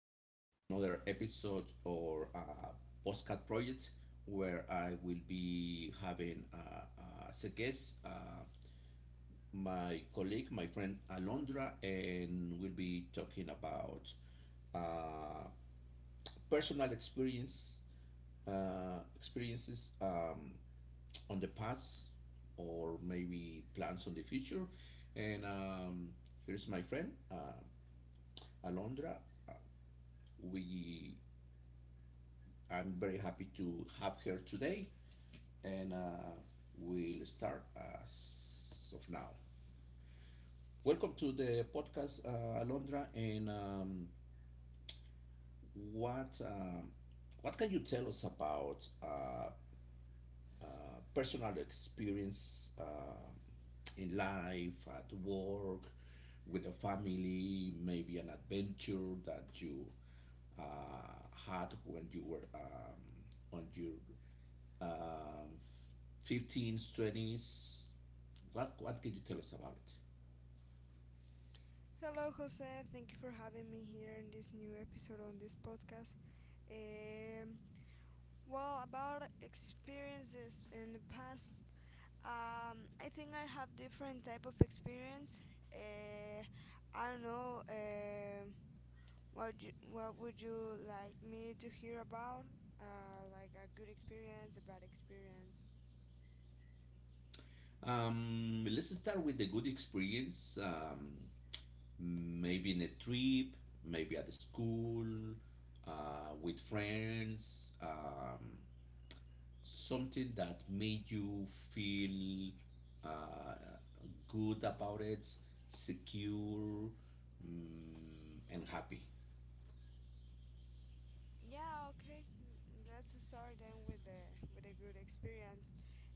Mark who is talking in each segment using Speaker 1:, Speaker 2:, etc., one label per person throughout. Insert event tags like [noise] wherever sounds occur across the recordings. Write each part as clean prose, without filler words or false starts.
Speaker 1: Welcome to another episode or postcard project where I will be having as a guest my colleague, my friend Alondra, and we'll be talking about uh, personal experiences on the past or maybe plans on the future. And here's my friend Alondra. Uh, we I'm very happy to have her today, and we'll start as of now. Welcome to the podcast, Alondra. And what uh, what can you tell us about uh, personal experience in life, at work, with a family, maybe an adventure that you had when you were on your um, 15s, 20s. What can you tell us about it?
Speaker 2: Hello, Jose. Thank you for having me here in this new episode on this podcast. Um, well, about experiences in the past, I think I have different type of experience. Uh, I don't know. What you, what would you like me to hear about? Like a good experience, a bad experience.
Speaker 1: Let's start with a good experience. Maybe in a trip, maybe at the school, with friends, something that made you feel uh, good about it, secure, and happy.
Speaker 2: Yeah, okay. Mm, let's start then with the with a good experience.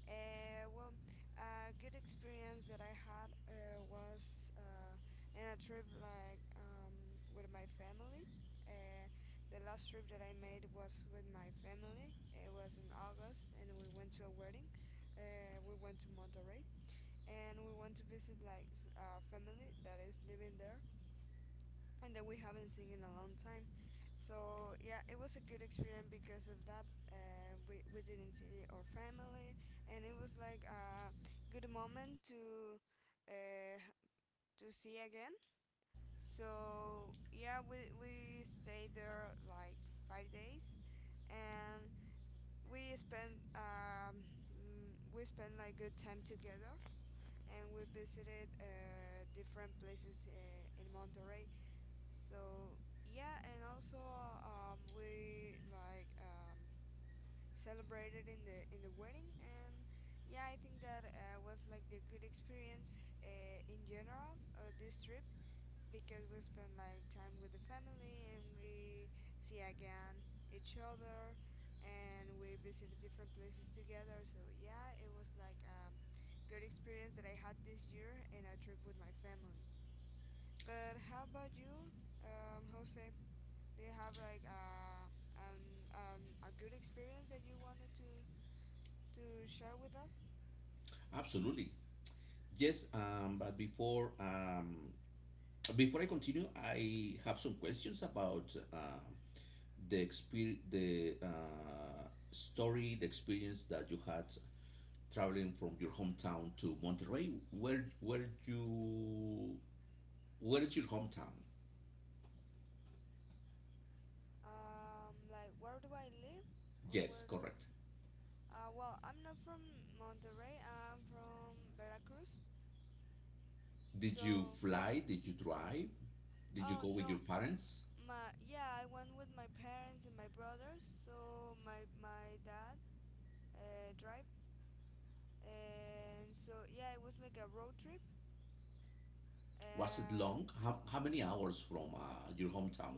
Speaker 2: Well, a good experience that I had was in a trip like with my family. Uh, the last trip that I made was with my family. It was in August, and we went to a wedding. We went to Monterrey, and we went to visit a family that is living there and that we haven't seen in a long time. So yeah, it was a good experience because of that. Uh, we didn't see our family, and it was like a good moment uh, to see again. So yeah, we stayed there like 5 days, and we spent we spent like good time together, and we visited different places in Monterrey. So yeah, and also we like celebrated in the wedding, and yeah, I think that was like the good experience in general this trip because we spent like time with the family and we see again each other and we visited different places together. So yeah, it was like good experience that I had this year in a trip with my family. But how about you, Jose? Do you have like an a good experience that you wanted to share with us?
Speaker 1: Absolutely. Yes, but before I continue, I have some questions about the story, the experience that you had traveling from your hometown to Monterrey. Where is your hometown?
Speaker 2: Like where do I live or
Speaker 1: Yes,
Speaker 2: where does?
Speaker 1: correct.
Speaker 2: Well, I'm not from Monterrey. I'm from Veracruz.
Speaker 1: Did you
Speaker 2: So,
Speaker 1: fly? Did you drive? Did you
Speaker 2: oh
Speaker 1: go with
Speaker 2: no,
Speaker 1: your parents?
Speaker 2: my yeah, I went with my parents and my brothers. So my dad drive, and so yeah, it was like a road trip.
Speaker 1: Was it
Speaker 2: And
Speaker 1: long? How many hours from your hometown,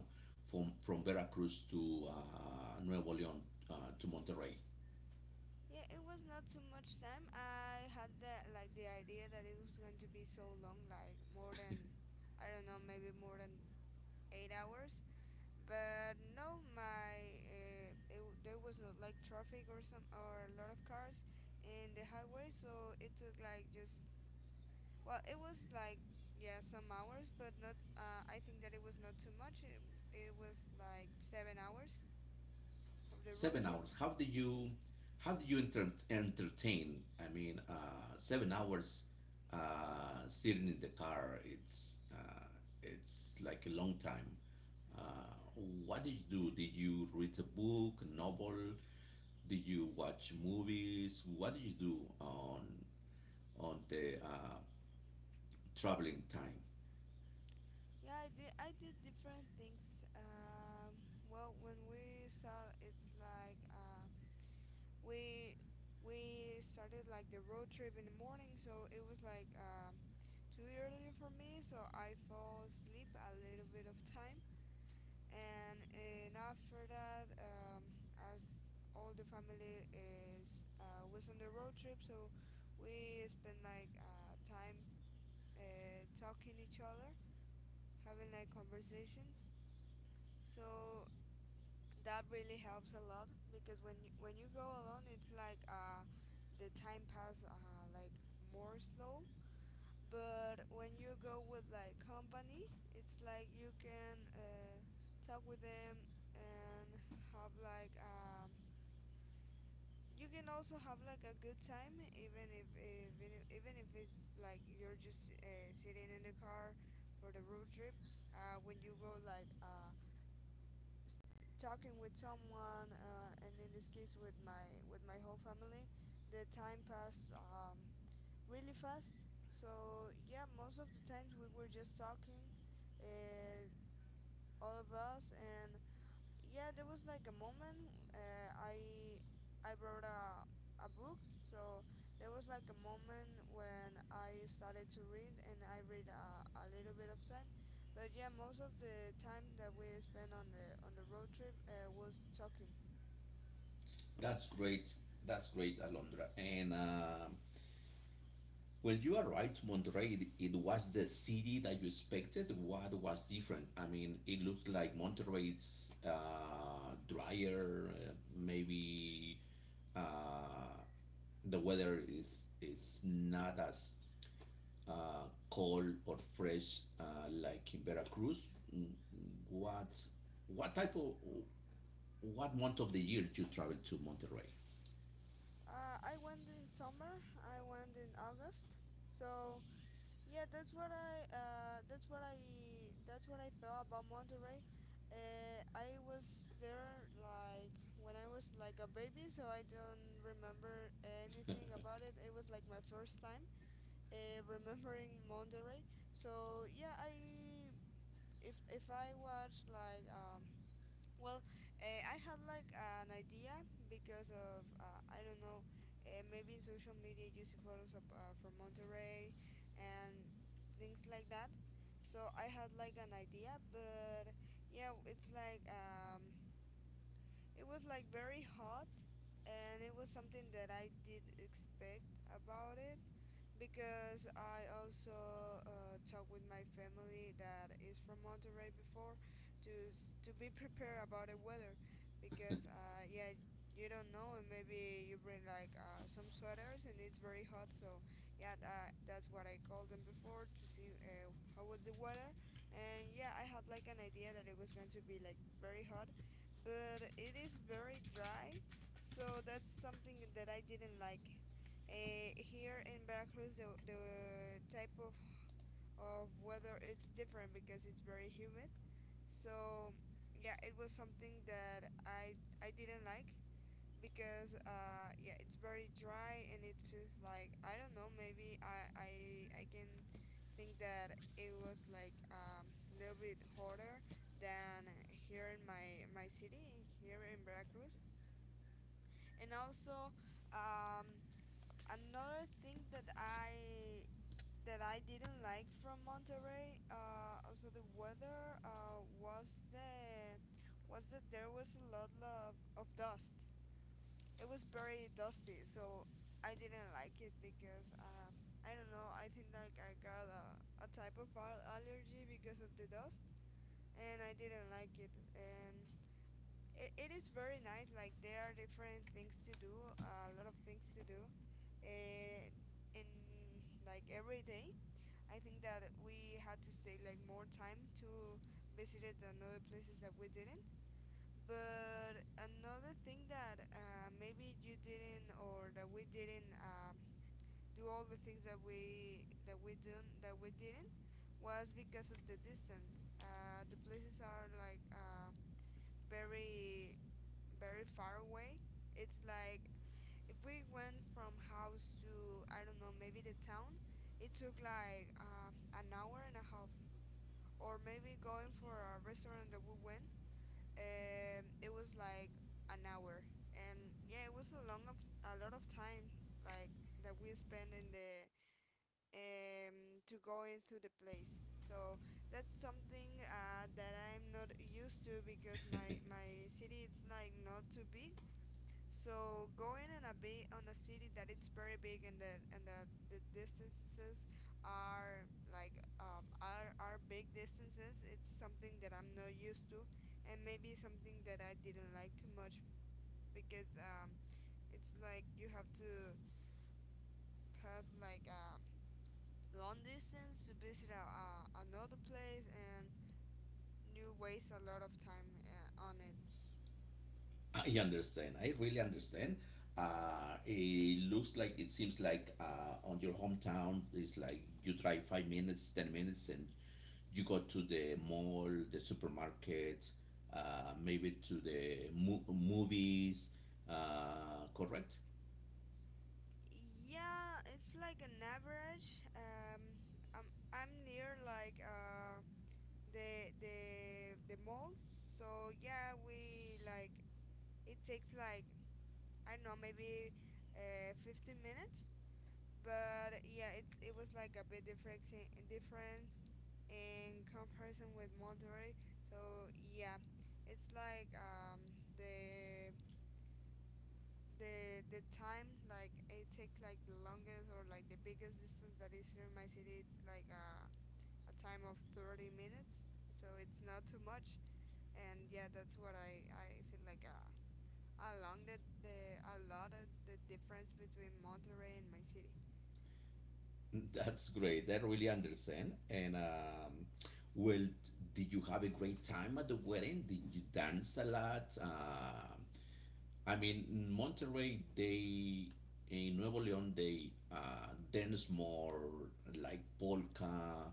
Speaker 1: from Veracruz to Nuevo León to Monterrey?
Speaker 2: yeah, it was not too much time. I had the like the idea that it was going to be so long, like more than I don't know, maybe more than 8 hours. But no, there was not like traffic or some or a lot of cars in the highway, so it took like just well, it was like yeah some hours, but not. I think that it was not too much. It was like 7 hours of the road
Speaker 1: Seven
Speaker 2: trip.
Speaker 1: hours. How do you entertain? I mean, 7 hours sitting in the car. It's like a long time. What did you do? Did you read a book, a novel? Did you watch movies? What did you do on the traveling time?
Speaker 2: Yeah, I did. I did different things. Well, when we start, it's like we we started like the road trip in the morning, so it was like too early for me, so I fall asleep a little bit of time, and after that, as all the family is was on the road trip, so we spend like time talking each other, having like conversations so that really helps a lot because when you go alone it's like the time pass like more slow but when you go with like company it's like you can talk with them and have like you can also have like a good time even if it's like you're just sitting in the car for the road trip when you go like talking with someone, and in this case with my whole family, the time passed really fast. So yeah, most of the times we were just talking, uh, all of us, and yeah there was like a moment I brought a book so there was like a moment when I started to read and I read a little bit of time but yeah most of the time that we spent on the road trip was talking.
Speaker 1: That's great. That's great, Alondra. And Well, you are right, Monterrey. It was the city that you expected. What was different? I mean, it looked like Monterrey's drier. Maybe uh, the weather is not as cold or fresh like in Veracruz. What what type of what month of the year you travel to Monterrey?
Speaker 2: I went in summer, I went in August. So yeah, that's what I that's what I thought about Monterrey. I was there like when I was like a baby, so I don't remember anything about it. It was like my first time [laughs] remembering Monterrey. So yeah, I if I watch like well, I had like an idea because of I don't know, maybe in social media you see photos of, from Monterrey and things like that. So I had like an idea, but yeah, it's like it was like very hot and it was something that I did expect about it because I also talked with my family that is from Monterrey before to be prepared about the weather because yeah you don't know and maybe you bring like some sweaters and it's very hot so yeah that's what I called them before to see how was the weather and yeah I had like an idea that it was going to be like very hot but it is very dry so that's something that I didn't like. Here in Veracruz, the type of weather it's different because it's very humid. So yeah, it was something that I didn't like because yeah, it's very dry and it feels like I don't know. Maybe I can think that it was like a little bit hotter than here in my city here in Veracruz, and also um, another thing that I didn't like from Monterrey, also the weather, was that there was a lot of dust. It was very dusty, so I didn't like it because I don't know. I think like I got a type allergy because of the dust, and I didn't like it. And it, it is very nice. Like there are different things to do, a lot of things to do, and in like every day I think that we had to stay like more time to visit it than other places that we didn't but another thing that maybe you didn't or that we didn't do all the things that we didn't was because of the distance the places are like very very far away it's like if we went from house to I don't know maybe the town, it took like an hour and a half. Or maybe going for a restaurant that we went, it was like an hour. And yeah, it was a long of a lot of time like that we spent in the to go into the place. So that's something that I'm not used to because my city is like not too big so going on a big on a city that it's very big and the distances are like are big distances. It's something that I'm not used to, and maybe something that I didn't like too much because it's like you have to pass like long distance to visit a another place and you waste a lot of time on it.
Speaker 1: I understand. I really understand. It seems like on your hometown, it's like you drive 5 minutes, 10 minutes, and you go to the mall, the supermarket, maybe to the movies. Correct?
Speaker 2: Yeah, it's like an average. I'm near like the the the malls. So yeah, we like it takes like I don't know maybe 15 minutes. But yeah, it was like a bit different difference in comparison with Monterrey. So yeah, it's like the time like it takes like the longest or like the biggest distance that is here in my city it's like a time of 30 minutes so it's not too much and yeah that's what I feel like along the a lot of the difference between Monterrey and my city.
Speaker 1: That's great. I really understand. And well, did you have a great time at the wedding? Did you dance a lot? I mean, in Nuevo León they dance more like polka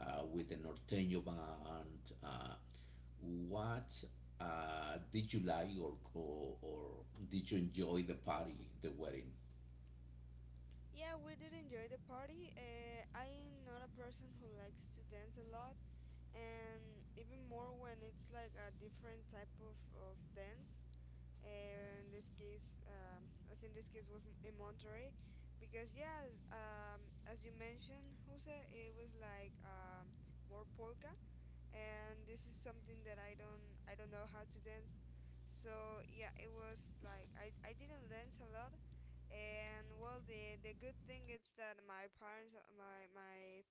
Speaker 1: with the norteño band. What did you like, or Did you enjoy the party, the wedding?
Speaker 2: Yeah, we did enjoy the party. I'm not a person who likes to dance a lot, and even more when it's like a different type of dance. In this case, as in this case was in Monterrey, because yeah, as you mentioned, Jose, it was like more polka, and this is something that I don't know how to dance, so yeah, it was like I didn't dance a lot, and well, the good thing is that my parents, my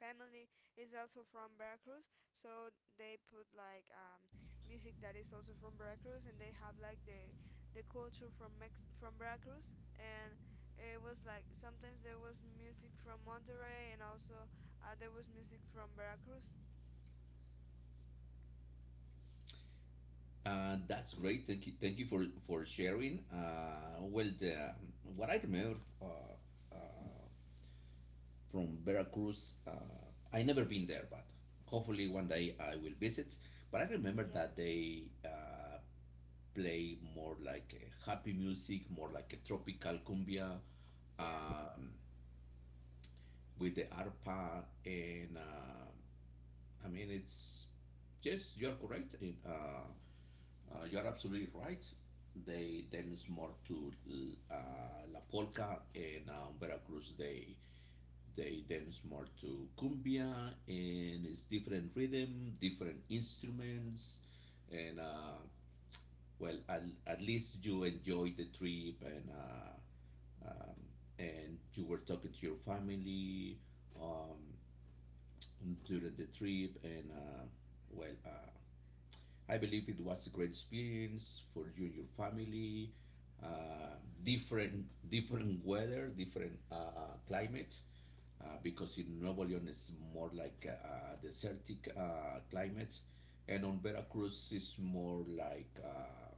Speaker 2: family is also from Veracruz so they put like music that is also from Veracruz and they have like the culture from Veracruz and it was like sometimes there was music from Monterrey and also there was music from Veracruz.
Speaker 1: That's great. Thank you. Thank you for sharing. Well, what I remember from Veracruz. I never been there, but hopefully one day I will visit. But I remember
Speaker 2: Yeah,
Speaker 1: that they play more like happy music, more like a tropical cumbia
Speaker 2: yeah.
Speaker 1: um, with the arpa, and I mean it's yes, you are correct. You are absolutely right. They dance more to uh, la polka, and Veracruz, they dance more to cumbia, and it's different rhythm, different instruments, and well, at least you enjoy the trip, and um, you were talking to your family um, during the trip, and well, uh, I believe it was a great experience for you, and your family, uh, different weather, different climate, because in Nuevo León is more like a, desertic climate, and on Veracruz is more like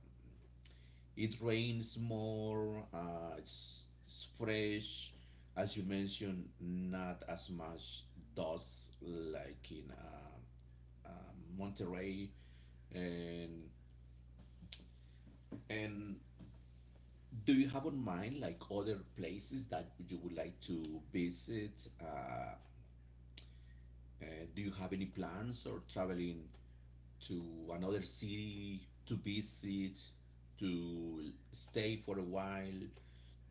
Speaker 1: it rains more. It's fresh, as you mentioned, not as much dust like in uh, Monterrey. And And Do you have on mind like other places that you would like to visit? Uh, do you have any plans or traveling to another city to visit, to stay for a while,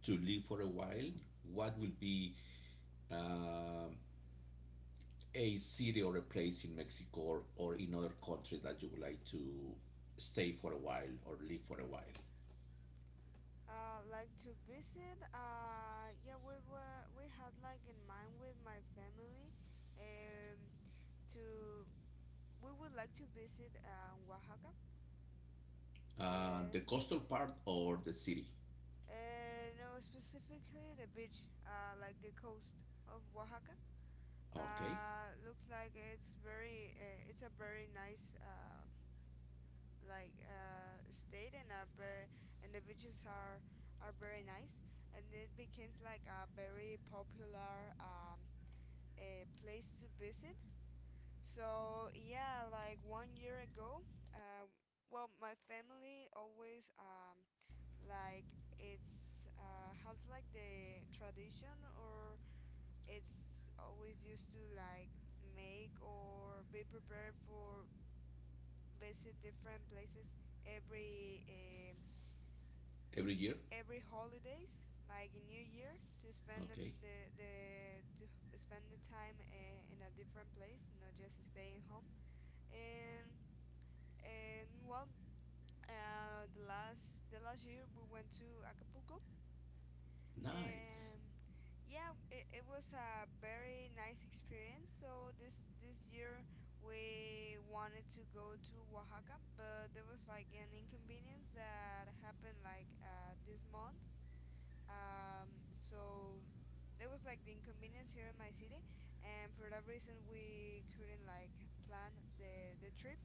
Speaker 1: to live for a while? What will be uh, a city or a place in Mexico or in other country that you would like to stay for a while or live for a while?
Speaker 2: Like to visit yeah we were we had like in mind with my family um, to we would like to visit Oaxaca.
Speaker 1: The
Speaker 2: Spec
Speaker 1: coastal part or the city?
Speaker 2: No, specifically the beach, like the coast of Oaxaca.
Speaker 1: Okay.
Speaker 2: Looks like it's it's a very nice state, and are very, and the beaches are very nice, and it became like a very popular a place to visit. So yeah, like one year ago, uh, well, my family always like it's has like the tradition or it's always used to like make or be prepared for visit different places every uh,
Speaker 1: Every year?
Speaker 2: every holidays, like in New Year to spend the
Speaker 1: Okay.
Speaker 2: the, the to spend the time in a different place, not just staying home. And and well uh, the last year we went to Acapulco,
Speaker 1: Nice.
Speaker 2: and yeah, it was a very nice experience. So this year we wanted to go to Oaxaca, but there was like an inconvenience that happened like this month. So there was like the inconvenience here in my city, and for that reason we couldn't like plan the trip.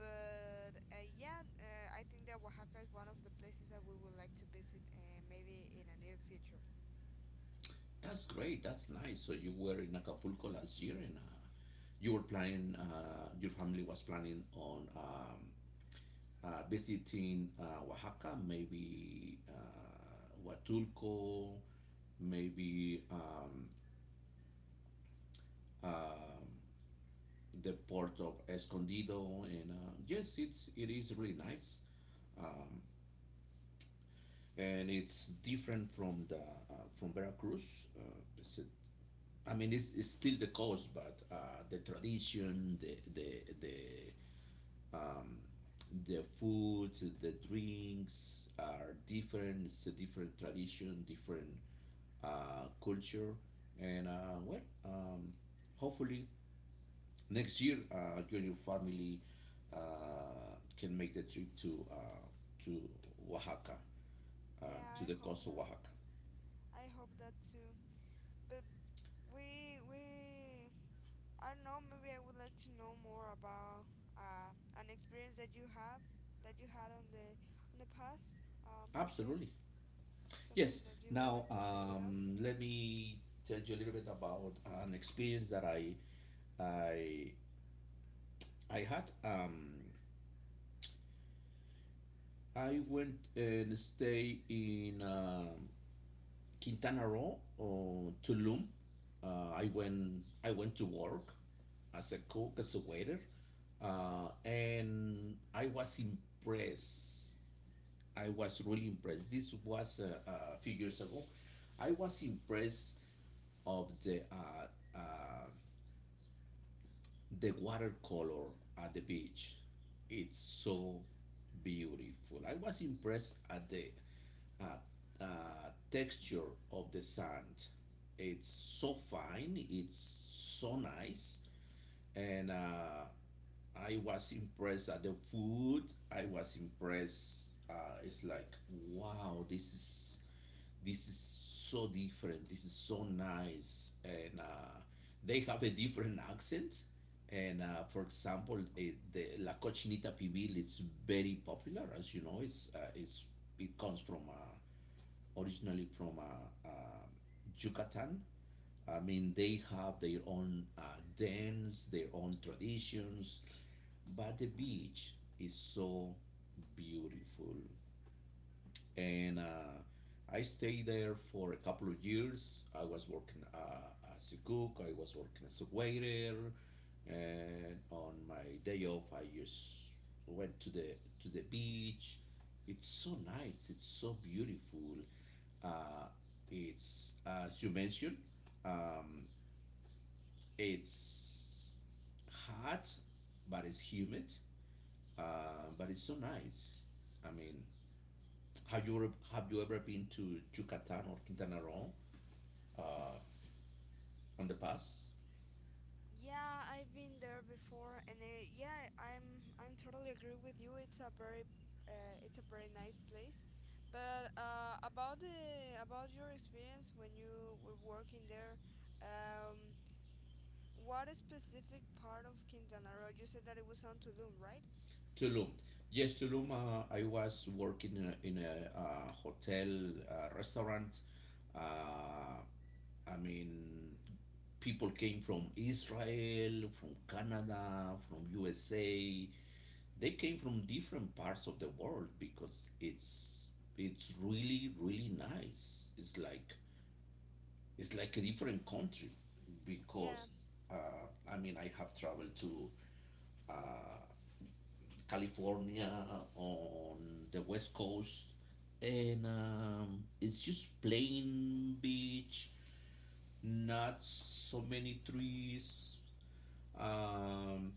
Speaker 2: But yeah, I think that Oaxaca is one of the places that we would like to visit, maybe in a near future.
Speaker 1: That's great. That's nice. So you were in Acapulco last year and your family was planning on visiting Oaxaca, maybe Huatulco, maybe um the port of Escondido. And yes, it is really nice. Um, and it's different from the from Veracruz. Uh, it's a I mean, it's still the cost, but the tradition, um, the food, the drinks are different. It's a different tradition, different culture, and hopefully next year you and your family can make the trip to Oaxaca, uh,
Speaker 2: Yeah,
Speaker 1: to
Speaker 2: I
Speaker 1: the
Speaker 2: hope
Speaker 1: coast of
Speaker 2: that.
Speaker 1: Oaxaca.
Speaker 2: I hope that too. But we, I don't know, maybe I would like to know more about uh an experience that you have that you had on the past, Jose,
Speaker 1: Absolutely.
Speaker 2: something
Speaker 1: Yes.
Speaker 2: that you would
Speaker 1: Now,
Speaker 2: like to share with us?
Speaker 1: let me tell you a little bit about an experience that I I had. I went and stay in Quintana Roo or Tulum. I went to work as a cook as a waiter, and I was impressed. I was really impressed. This was a few years ago. I was impressed of the uh, The watercolor at the beach, it's so beautiful. I was impressed at the uh, texture of the sand. It's so fine, it's so nice, and I was impressed at the food. I was impressed. It's like, wow, this is so different. This is so nice, and they have a different accent. And for example, the la cochinita pibil is very popular. As you know, it comes from originally from Yucatan. I mean, they have their own dance, their own traditions, but the beach is so beautiful. And I stayed there for a couple of years. I was working as a cook, I was working as a waiter, and on my day off, I just went to the beach. It's so nice. It's so beautiful. Uh, it's, as you mentioned, um, it's hot, but it's humid, but it's so nice. I mean, have you ever been to Yucatan or Quintana Roo uh, on the past?
Speaker 2: Yeah, I've been there before, and yeah, I'm totally agree with you. It's a very nice place. But about the about your experience when you were working there. um, What a specific part of Quintana Roo? You said that it was on Tulum, right?
Speaker 1: Tulum. Yes, Tulum. I was working in a hotel restaurant. Uh, I mean, people came from Israel, from Canada, from USA. They came from different parts of the world because it's really nice. It's like a different country
Speaker 2: Yeah.
Speaker 1: because I mean I have traveled to uh, California on the west coast. And it's just plain beach, not so many trees. um,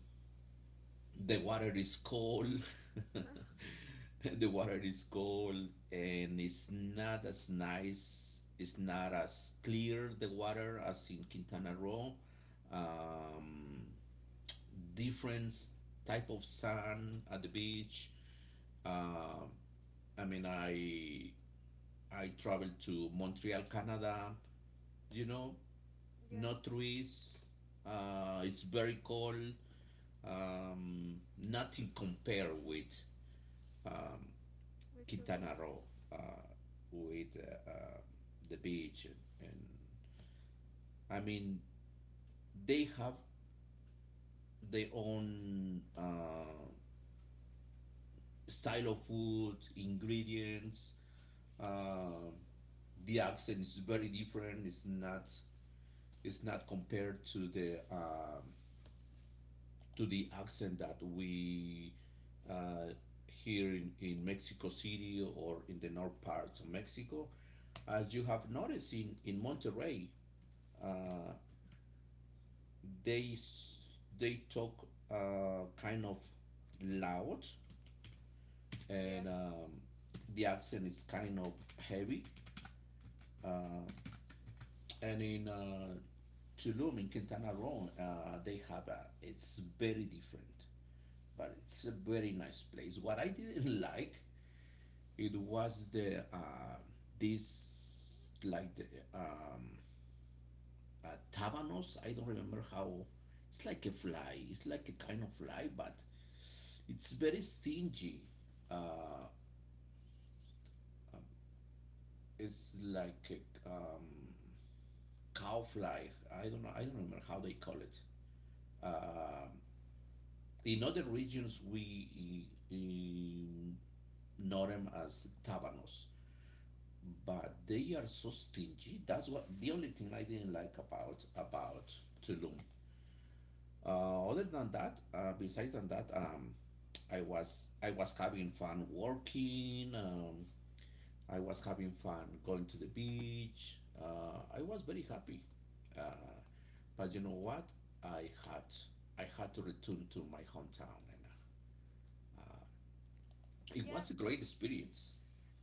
Speaker 1: The water is cold. [laughs]
Speaker 2: [sighs]
Speaker 1: The water is cold, and it's not as nice. It's not as clear the water as in Quintana Roo. Um, Different type of sand at the beach. Um I mean, I traveled to Montreal, Canada. You know,
Speaker 2: Yeah,
Speaker 1: no trees. It's very cold. Nothing compared with um,
Speaker 2: with Tulum.
Speaker 1: Quintana Roo uh, with the beach and I mean they have their own style of food, ingredients. Uh, the accent is very different. It's not compared to the accent that we uh, here in Mexico City or in the north parts of Mexico. As you have noticed in Monterrey, uh, they s- they talk kind of loud
Speaker 2: Yeah.
Speaker 1: and the accent is kind of heavy, uh, and in Tulum in Quintana Roo, they have a it's very different, but it's a very nice place. What I didn't like, it was the this like the um, tabanos. I don't remember how. It's like a kind of fly, but it's very stingy. Uh, it's like a cowfly. I don't know. I don't remember how they call it. Um in other regions, we know them as tabanos, but they are so stingy. That's what the only thing I didn't like about Tulum. Other than that, I was having fun working. I was having fun going to the beach. I was very happy. Uh, but you know what? I had I had to return to my hometown, and uh, it
Speaker 2: Yeah,
Speaker 1: was a great experience.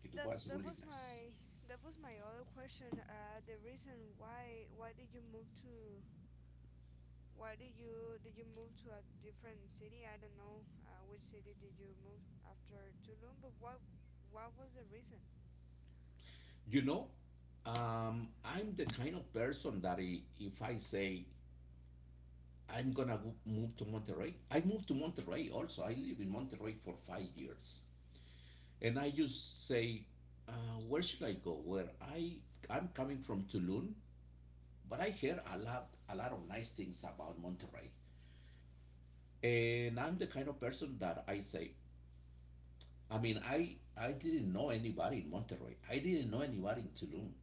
Speaker 1: It
Speaker 2: that
Speaker 1: was really nice.
Speaker 2: that was my other question. The reason why did you move to why did you move to a different city? I don't know which city did you move after Tulum, but what was the reason?
Speaker 1: You know, I'm the kind of person that if I say I'm gonna move to Monterrey, I moved to Monterrey also. I live in Monterrey for 5 years, and I just say, where should I go? Where I I'm coming from Tulum, but I hear a lot of nice things about Monterrey, and I'm the kind of person that I say, I mean, I didn't know anybody in Monterrey. I didn't know anybody in Tulum.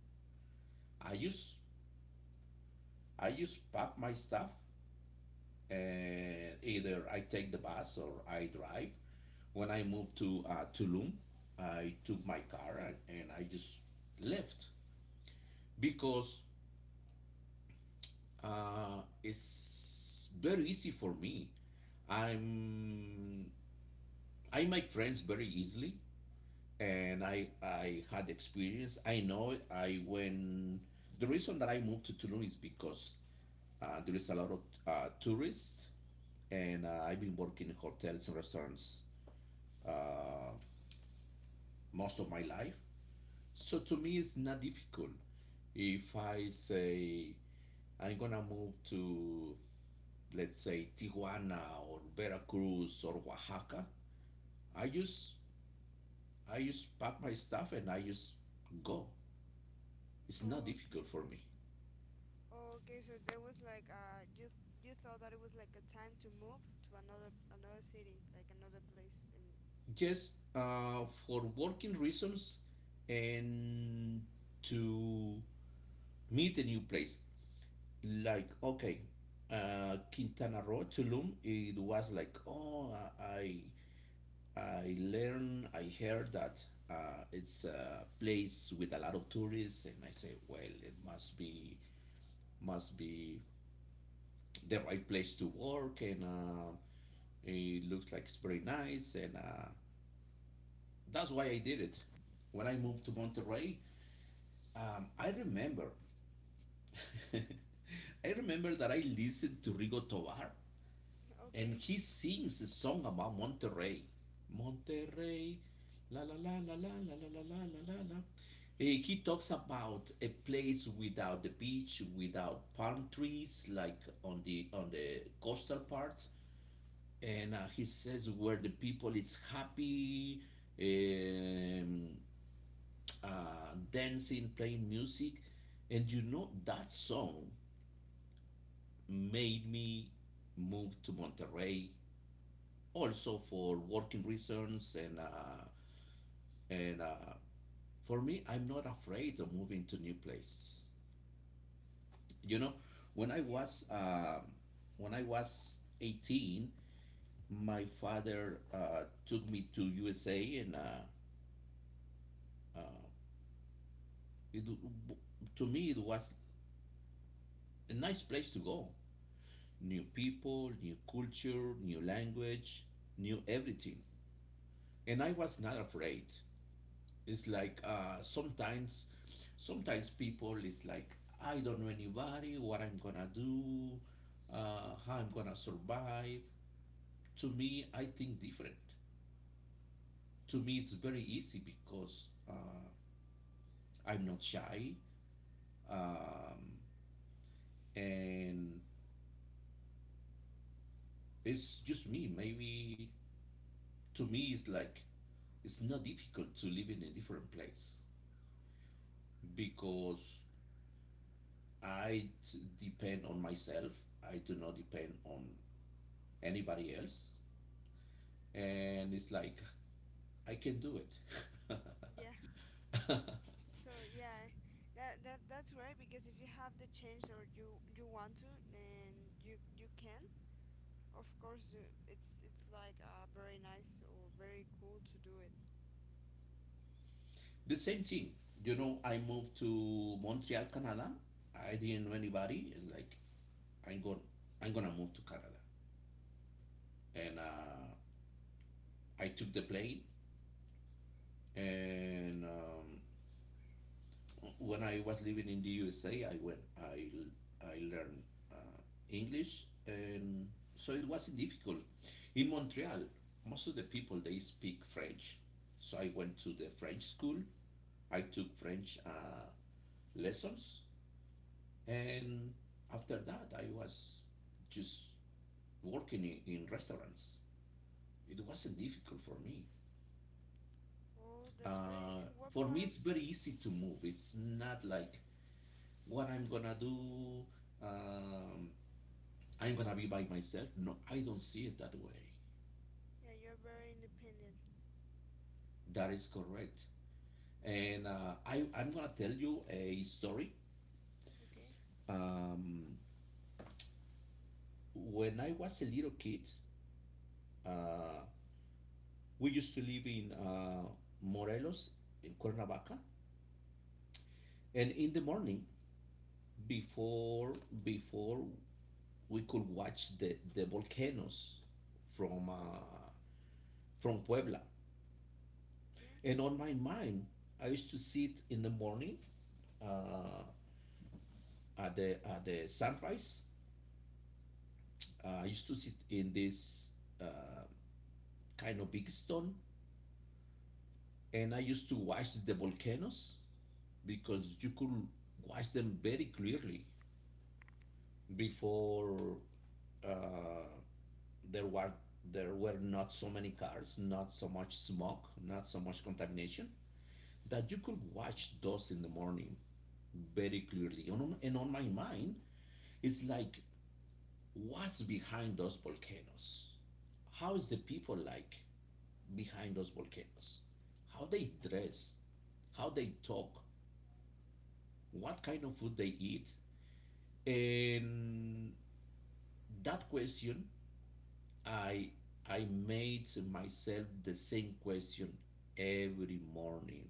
Speaker 1: I just I just pack my stuff, and either I take the bus or I drive. When I moved to Tulum, I took my car and I just left because it's very easy for me. I'm I make friends very easily. And I had experience. I know I when the reason that I moved to Tulum is because there is a lot of tourists, and I've been working in hotels and restaurants, uh, most of my life. So to me, it's not difficult. If I say I'm gonna move to, let's say, Tijuana or Veracruz or Oaxaca, I just I just pack my stuff and I just go. It's not
Speaker 2: Oh, okay,
Speaker 1: difficult for
Speaker 2: okay.
Speaker 1: me.
Speaker 2: Okay, so there was like you thought that it was like a time to move to another city, like another place.
Speaker 1: Yes, for working reasons and to meet a new place. Like, okay, Quintana Roo, Tulum, it was like, oh, I learned, I heard that it's a place with a lot of tourists, and I say, well, it must be the right place to work, and it looks like it's very nice, and that's why I did it when I moved to Monterrey. I remember, [laughs] I remember that I listened to Rigo Tovar,
Speaker 2: [laughs]
Speaker 1: and
Speaker 2: Okay.
Speaker 1: he sings a song about Monterrey. Monterrey, la la la la la la la la la la la la. He talks about a place without the beach, without palm trees, like on the coastal part, and he says where the people is happy, um, dancing, playing music. And you know, that song made me move to Monterrey, also for working reasons. And for me, I'm not afraid of moving to new places. You know, when I
Speaker 2: Yeah.
Speaker 1: was, um when I was 18, my father took me to USA, and uh, it, to me it was a nice place to go. New people, new culture, new language, new everything. And I was not afraid. It's like sometimes, sometimes people is like, I don't know anybody, what I'm gonna do, how I'm gonna survive. To me, I think different. To me, it's very easy because I'm not shy, um, and it's just me. Maybe to me, it's like it's not difficult to live in a different place, because I depend on myself. I do not depend on anybody else. And it's like, I can do it.
Speaker 2: Yeah.
Speaker 1: [laughs]
Speaker 2: So yeah, that's right because if you have the chance or you want to, and you can, of course it's like very nice or very cool to do it.
Speaker 1: The same thing. You know, I moved to Montreal, Canada. I didn't know anybody. It's like, I'm going, I'm going to move to Canada. And I took the plane and when I was living in the USA, I learned uh, English, and so it wasn't difficult. In Montreal, most of the people they speak French, so I went to the French school. I took French lessons, and after that, I was just working in restaurants. It wasn't difficult for me.
Speaker 2: Oh, that's great.
Speaker 1: Uh,
Speaker 2: And what
Speaker 1: for
Speaker 2: part
Speaker 1: me,
Speaker 2: of?
Speaker 1: it's very easy to move. It's not like what I'm gonna do. Um, I'm gonna be by myself. No, I don't see it that way.
Speaker 2: Yeah, you're very independent.
Speaker 1: That is correct. And I'm gonna tell you a story.
Speaker 2: Okay.
Speaker 1: Um, when I was a little kid, uh, we used to live in Morelos, in Cuernavaca, and in the morning, before before we could watch the volcanoes from uh, from Puebla,
Speaker 2: Okay.
Speaker 1: and on my mind, I used to sit in the morning, uh, at the sunrise. I used to sit in this uh, kind of big stone, and I used to watch the volcanoes because you could watch them very clearly before uh, there were there were not so many cars, not so much smoke, not so much contamination, that you could watch those in the morning very clearly. And on my mind, it's like, what's behind those volcanoes? How is the people like behind those volcanoes? How they dress, how they talk, what kind of food they eat. And that question, I I made myself the same question every morning,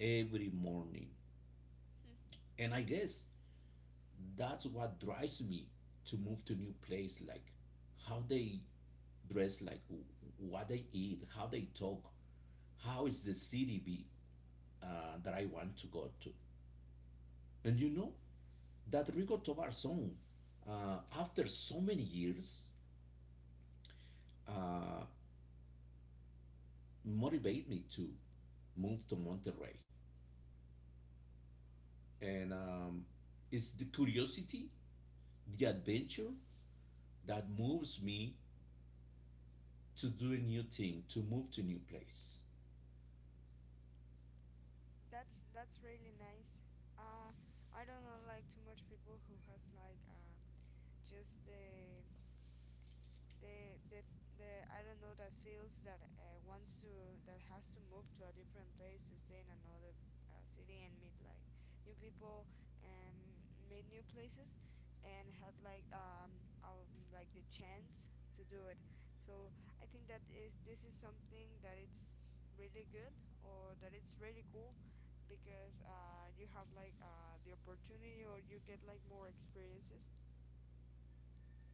Speaker 1: every morning.
Speaker 2: [laughs]
Speaker 1: And I guess that's what drives me to move to new place. Like how they dress, like what they eat, how they talk, how is the city be that I want to go to. And you know, that Rigo Tobar song, after so many years, uh, motivated me to move to Monterrey. And it's the curiosity, the adventure that moves me to do a new thing, to move to a new place.
Speaker 2: That's really nice. Uh, I don't know like too much people who has like just the the the I don't know that feels that wants to that has to move to a different place to stay in another city and meet like new people and meet new places and had like the chance to do it. So I think that is this is something that it's really good or that it's really cool because you have like the opportunity or you get like more experiences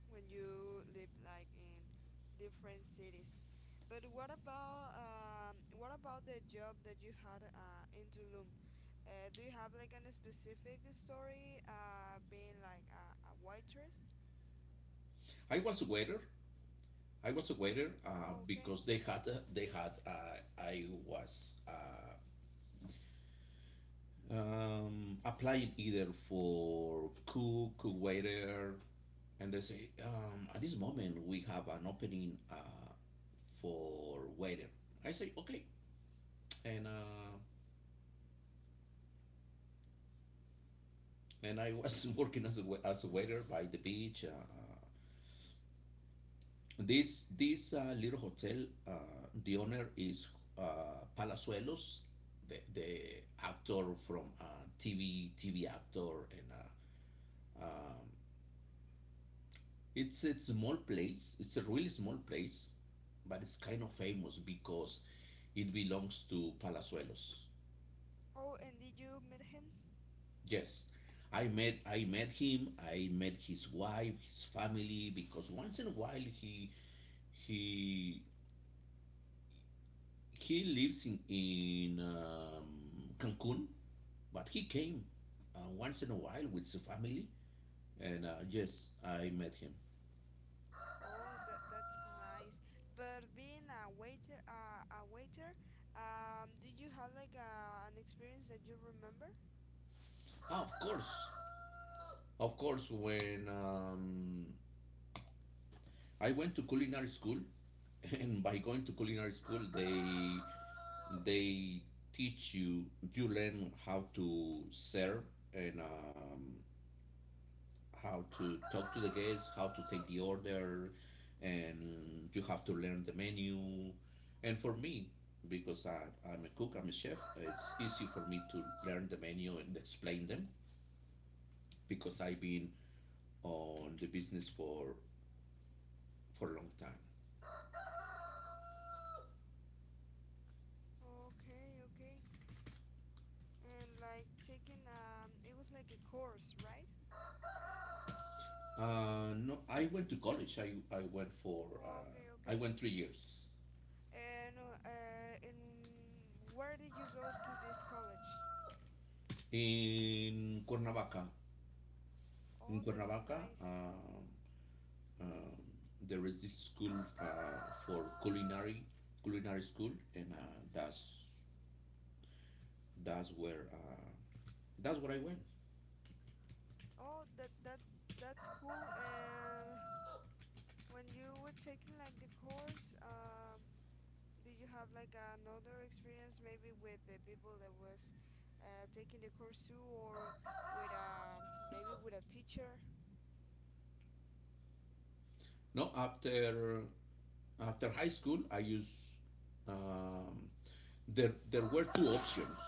Speaker 2: when you live like in different cities. But what about the job that you had in Tulum? Do you have like any specific story being like a waitress?
Speaker 1: I was a waiter. I was a waiter
Speaker 2: Oh, okay.
Speaker 1: because they had a, they had I was applying either for cook, waiter, and they say, at this moment we have an opening for waiter. I say, okay, and uh, and I was [laughs] working as a waiter by the beach. Uh, this little hotel, the owner is Palazuelos, the actor from uh, TV actor, and uh, um, it's a small place. It's a really small place, but it's kind of famous because it belongs to Palazuelos.
Speaker 2: Oh, and did you meet him?
Speaker 1: Yes. I met him, I met his wife, his family, because once in a while he he lives in Cancun, but he came once in a while with his family, and yes, I met him.
Speaker 2: Oh, that's nice. But being a waiter, did you have like an experience that you remember?
Speaker 1: Ah, of course. Of course, when I went to culinary school, [laughs] and by going to culinary school they teach you, you learn how to serve, and how to talk to the guests, how to take the order, and you have to learn the menu. And for me, because I'm a cook, I'm a chef, it's easy for me to learn the menu and explain them because I've been on the business for a long time.
Speaker 2: Okay, okay. And like taking it was like a course, right?
Speaker 1: No, I went to college.
Speaker 2: Okay,
Speaker 1: I
Speaker 2: okay.
Speaker 1: went 3 years
Speaker 2: And where did you go to this college?
Speaker 1: in Cuernavaca.
Speaker 2: Oh,
Speaker 1: In
Speaker 2: that's
Speaker 1: Cuernavaca,
Speaker 2: nice.
Speaker 1: uh, there is this school uh, for culinary school, and uh, that's where uh, that's where I went.
Speaker 2: Oh, that's cool. And when you were taking like the course, did you have like another experience maybe with the people that was taking the course too, or with a maybe with a teacher?
Speaker 1: No, after after high school, I used, um, there there were two options,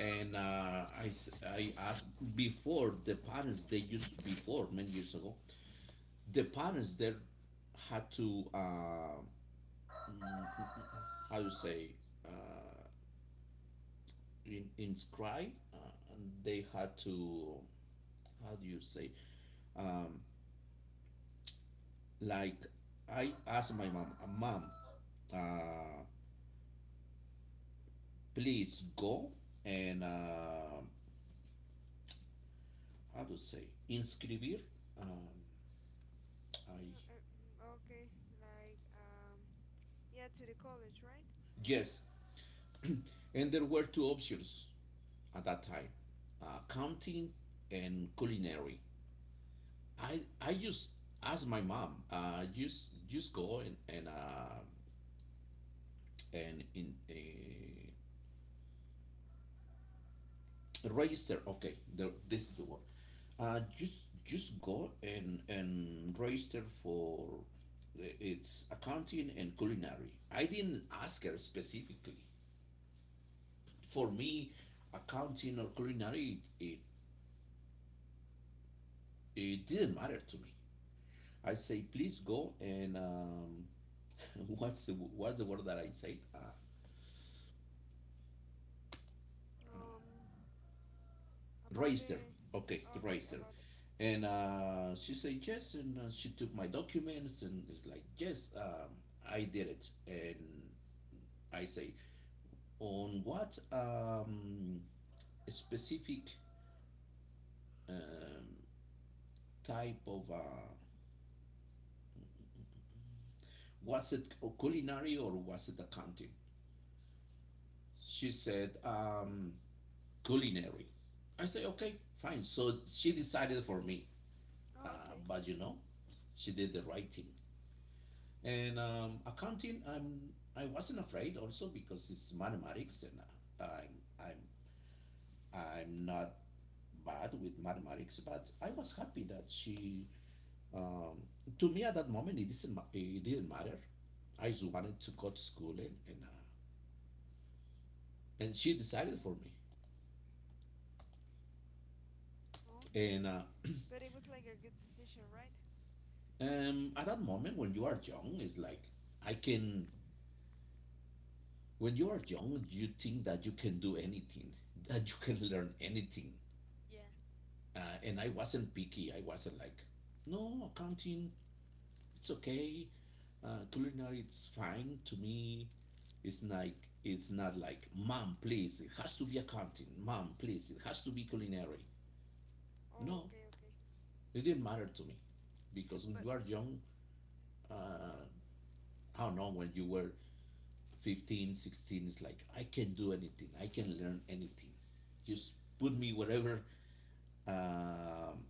Speaker 1: and uh, I asked, before the parents they used before many years ago. The parents there had to, mm, mm, mm, mm, how to say, uh, in, inscribed. And they had to, how do you say, um, like, I asked my mom, mom, uh, please go and how to say inscribir. Um, I
Speaker 2: Uh, uh, mm, okay. Yeah, to the college, right?
Speaker 1: yes, [clears throat] and there were two options at that time, counting and culinary. I just asked my mom, just go and in. Register. Okay, the, this is the word. Uh, just just go and register for it's accounting and culinary. I didn't ask her specifically. For me, accounting or culinary, it it didn't matter to me. I say, please go and [laughs] what's the word that I said? Uh,
Speaker 2: Um, about
Speaker 1: Reister.
Speaker 2: the.
Speaker 1: Okay, the
Speaker 2: Okay,
Speaker 1: Reister.
Speaker 2: about the.
Speaker 1: And she said yes, and she took my documents, and it's like, yes, I did it. And I say, on what specific um, type of was it culinary or was it accounting? She said, culinary. I say, okay, fine. So she decided for me.
Speaker 2: Oh, okay,
Speaker 1: But you know, she did the right thing. And accounting, I'm I wasn't afraid also because it's mathematics, and I'm I'm I'm not bad with mathematics. But I was happy that she, um, to me at that moment it didn't it didn't matter. I just wanted to go to school and she decided for me. And
Speaker 2: okay. But it was like a good decision, right?
Speaker 1: At that moment, when you are young, it's like, I can. When you are young, you think that you can do anything, that you can learn anything.
Speaker 2: Yeah.
Speaker 1: And I wasn't picky. I wasn't like, no, accounting, it's okay. Culinary, it's fine to me. It's like, it's not like, mom, please, it has to be accounting. Mom, please, it has to be culinary.
Speaker 2: Oh,
Speaker 1: No,
Speaker 2: okay, okay.
Speaker 1: it didn't matter to me, because when
Speaker 2: But
Speaker 1: you are young, uh, I don't know, when you were 15, 16, it's like, I can do anything. I can learn anything. Just put me wherever, um,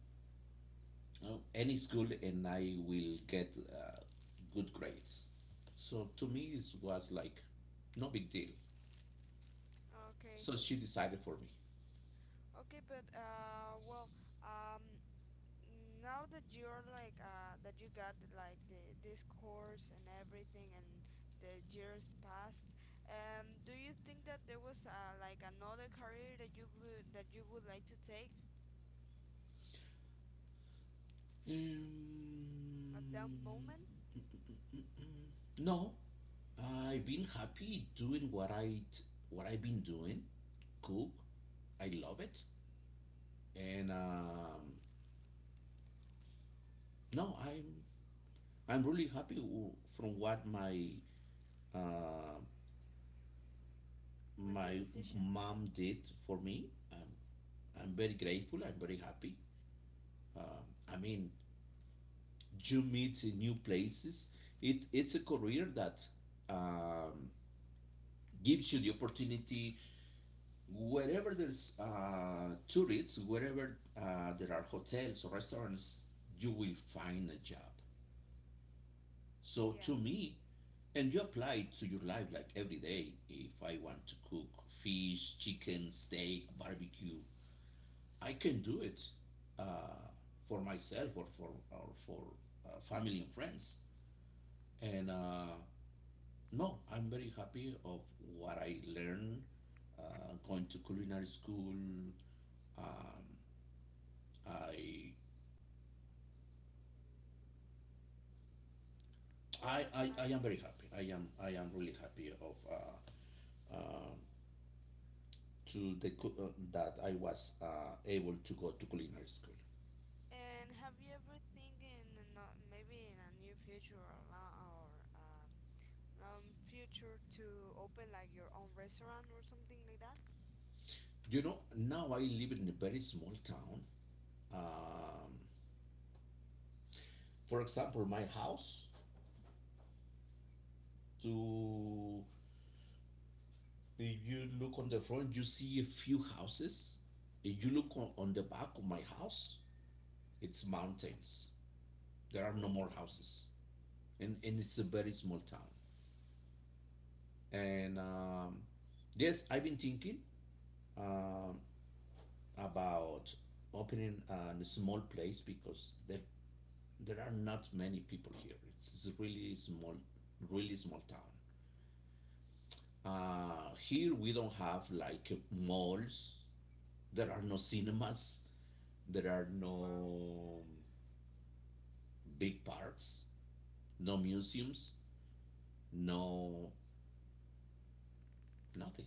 Speaker 1: no, any school, and I will get good grades. So to me, it was like no big deal.
Speaker 2: okay,
Speaker 1: So she decided for me.
Speaker 2: okay. But well, um, now that you're like that you got like the this course and everything, and the years passed, do you think that there was like another career that you would like to take
Speaker 1: Um,
Speaker 2: at that moment
Speaker 1: no, I've been happy doing what I've been doing. Cook, I love it, and no, I'm really happy from what my uh,
Speaker 2: with the
Speaker 1: my
Speaker 2: decision?
Speaker 1: mom did for me. I'm very grateful. I'm very happy. Um, I mean, you meet new places. It it's a career that, um, gives you the opportunity. Wherever there's tourists, wherever there are hotels or restaurants, you will find a job. So
Speaker 2: Yeah.
Speaker 1: to me, and you apply it to your life like every day. If I want to cook fish, chicken, steak, barbecue, I can do it uh, for myself or for family and friends. And no, I'm very happy of what I learned going to culinary school. Um, I,
Speaker 2: Oh,
Speaker 1: I
Speaker 2: that's
Speaker 1: I I am
Speaker 2: nice.
Speaker 1: very happy. I am really happy of. Uh, that I was able to go to culinary school.
Speaker 2: And have you ever thinking in a maybe in a new future or long future to open like your own restaurant or something like that?
Speaker 1: You know, now I live in a very small town. Um, for example, my house, to if you look on the front, you see a few houses. If you look on the back of my house it's mountains there are no
Speaker 2: Oh,
Speaker 1: more
Speaker 2: okay.
Speaker 1: houses and it's a very small town. And yes, I've been thinking um, about opening a small place, because there are not many people here. It's really small, really small town. Here we don't have like malls. There are no cinemas. There are
Speaker 2: Mm, wow.
Speaker 1: no big parks, no museums, no, nothing.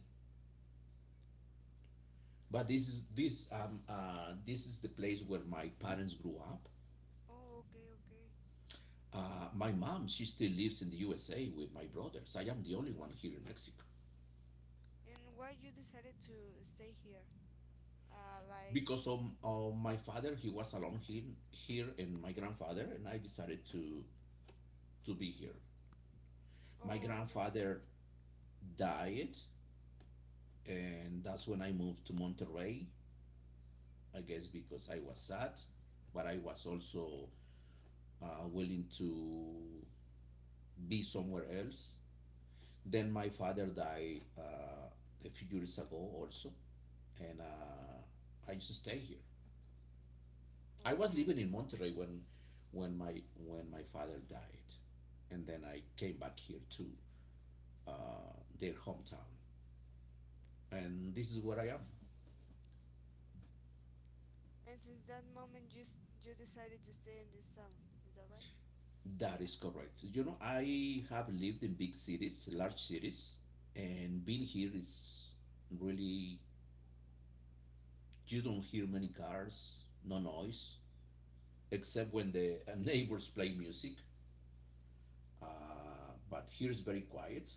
Speaker 1: But this is the place where my parents grew up.
Speaker 2: Oh, okay, okay.
Speaker 1: My mom, she still lives in the USA with my brothers. I am the only one here in Mexico
Speaker 2: And why you decided to stay here? Like,
Speaker 1: because of my father. He was alone here, and my grandfather, and I decided to be here. My
Speaker 2: oh, okay,
Speaker 1: grandfather died, and that's when I moved to Monterrey. I guess because I was sad, but I was also willing to be somewhere else. Then my father died a few years ago, also, and I used to stay here. I was
Speaker 2: oh,
Speaker 1: living
Speaker 2: okay.
Speaker 1: in Monterrey when my father died, and then I came back here to uh, their hometown, and this is where I am.
Speaker 2: And since that moment, you decided to stay in this town. Is that right?
Speaker 1: That is correct. You know, I have lived in big cities, large cities, and being here is really, you don't hear many cars, no noise, except when the [laughs] neighbors play music. But here is very quiet.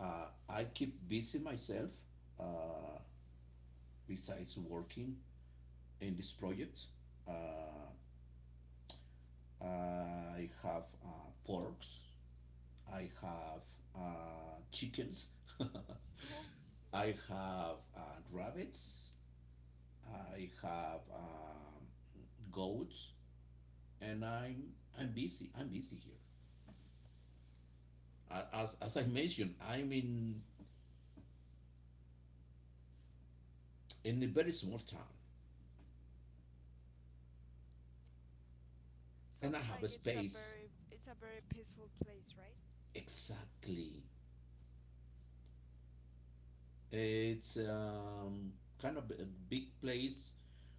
Speaker 1: I keep busy myself, uh, besides working in this project. Uh, I have porks. I have chickens.
Speaker 2: [laughs] Oh,
Speaker 1: [laughs]
Speaker 2: wow.
Speaker 1: I have rabbits. I have goats, and I'm busy. I'm busy here. As I mentioned, I'm in a very small town, and I
Speaker 2: Sounds
Speaker 1: have
Speaker 2: like
Speaker 1: a space,
Speaker 2: it's a very peaceful place, right?
Speaker 1: exactly. It's kind of a big place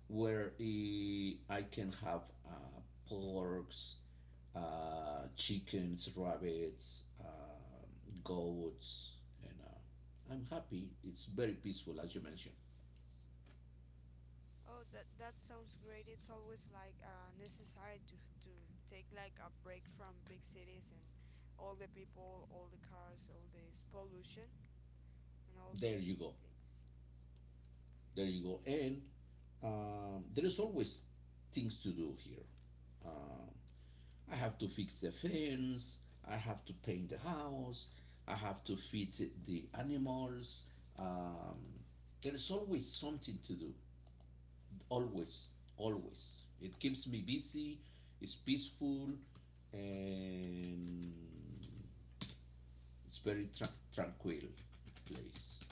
Speaker 1: where I can have porks, chickens, rabbits, goats, and I'm happy. It's very peaceful, as you mentioned.
Speaker 2: Oh, that sounds great. It's always like necessary to take like a break from big cities and all the people, all the cars, all this pollution and all
Speaker 1: There
Speaker 2: those
Speaker 1: you go.
Speaker 2: things.
Speaker 1: There you go. And there is always things to do here. Um I have to fix the fence. I have to paint the house. I have to feed the animals. Um, there is always something to do. always Always it keeps me busy. It's peaceful, and it's very tranquil place.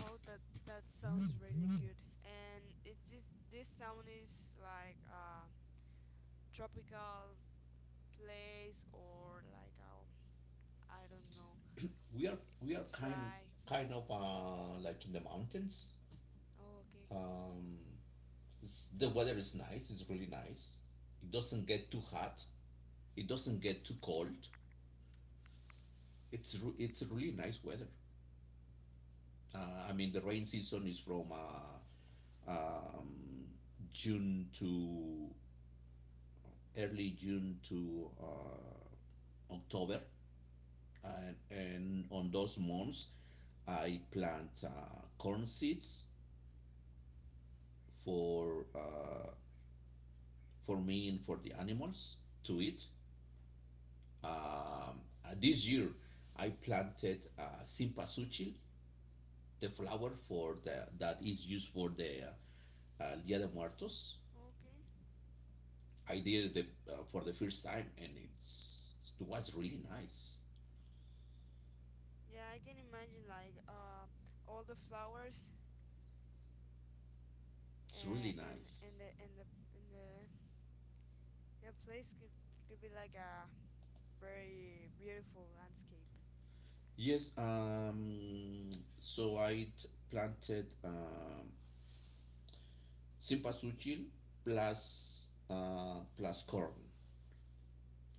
Speaker 2: Oh, that sounds really good. And it is this sound is like a tropical place or like I don't know.
Speaker 1: We are
Speaker 2: It's
Speaker 1: kind
Speaker 2: dry.
Speaker 1: kind of uh, like in the mountains.
Speaker 2: Oh, okay.
Speaker 1: um, the weather is nice. It's really nice. It doesn't get too hot. It doesn't get too cold. It's really nice weather. I mean, the rain season is from June to early June to October, and on those months, I plant corn seeds for uh, for me and for the animals to eat. This year, I planted simpasuchil, the flower for the that is used for the Dia de Muertos.
Speaker 2: Okay.
Speaker 1: I did it for the first time, and it was really nice.
Speaker 2: Yeah, I can imagine like all the flowers
Speaker 1: It's really
Speaker 2: and and
Speaker 1: nice.
Speaker 2: and and the, the place could be like a very beautiful landscape.
Speaker 1: Yes, so planted cempasúchil, plus corn,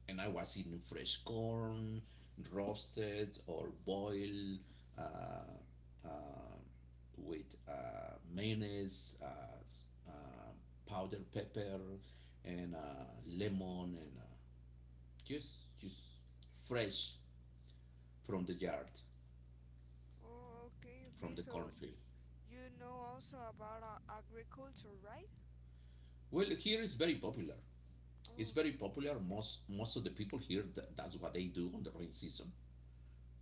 Speaker 1: and I was eating fresh corn, roasted or boiled, uh, uh, with mayonnaise, powdered pepper, and lemon, and just fresh from the yard,
Speaker 2: Oh, okay,
Speaker 1: from
Speaker 2: okay.
Speaker 1: the
Speaker 2: So
Speaker 1: cornfield.
Speaker 2: you know also about agriculture, right?
Speaker 1: Well, here is very popular. It's
Speaker 2: Oh,
Speaker 1: very
Speaker 2: okay.
Speaker 1: popular. Most of the people here that's what they do on the rain season.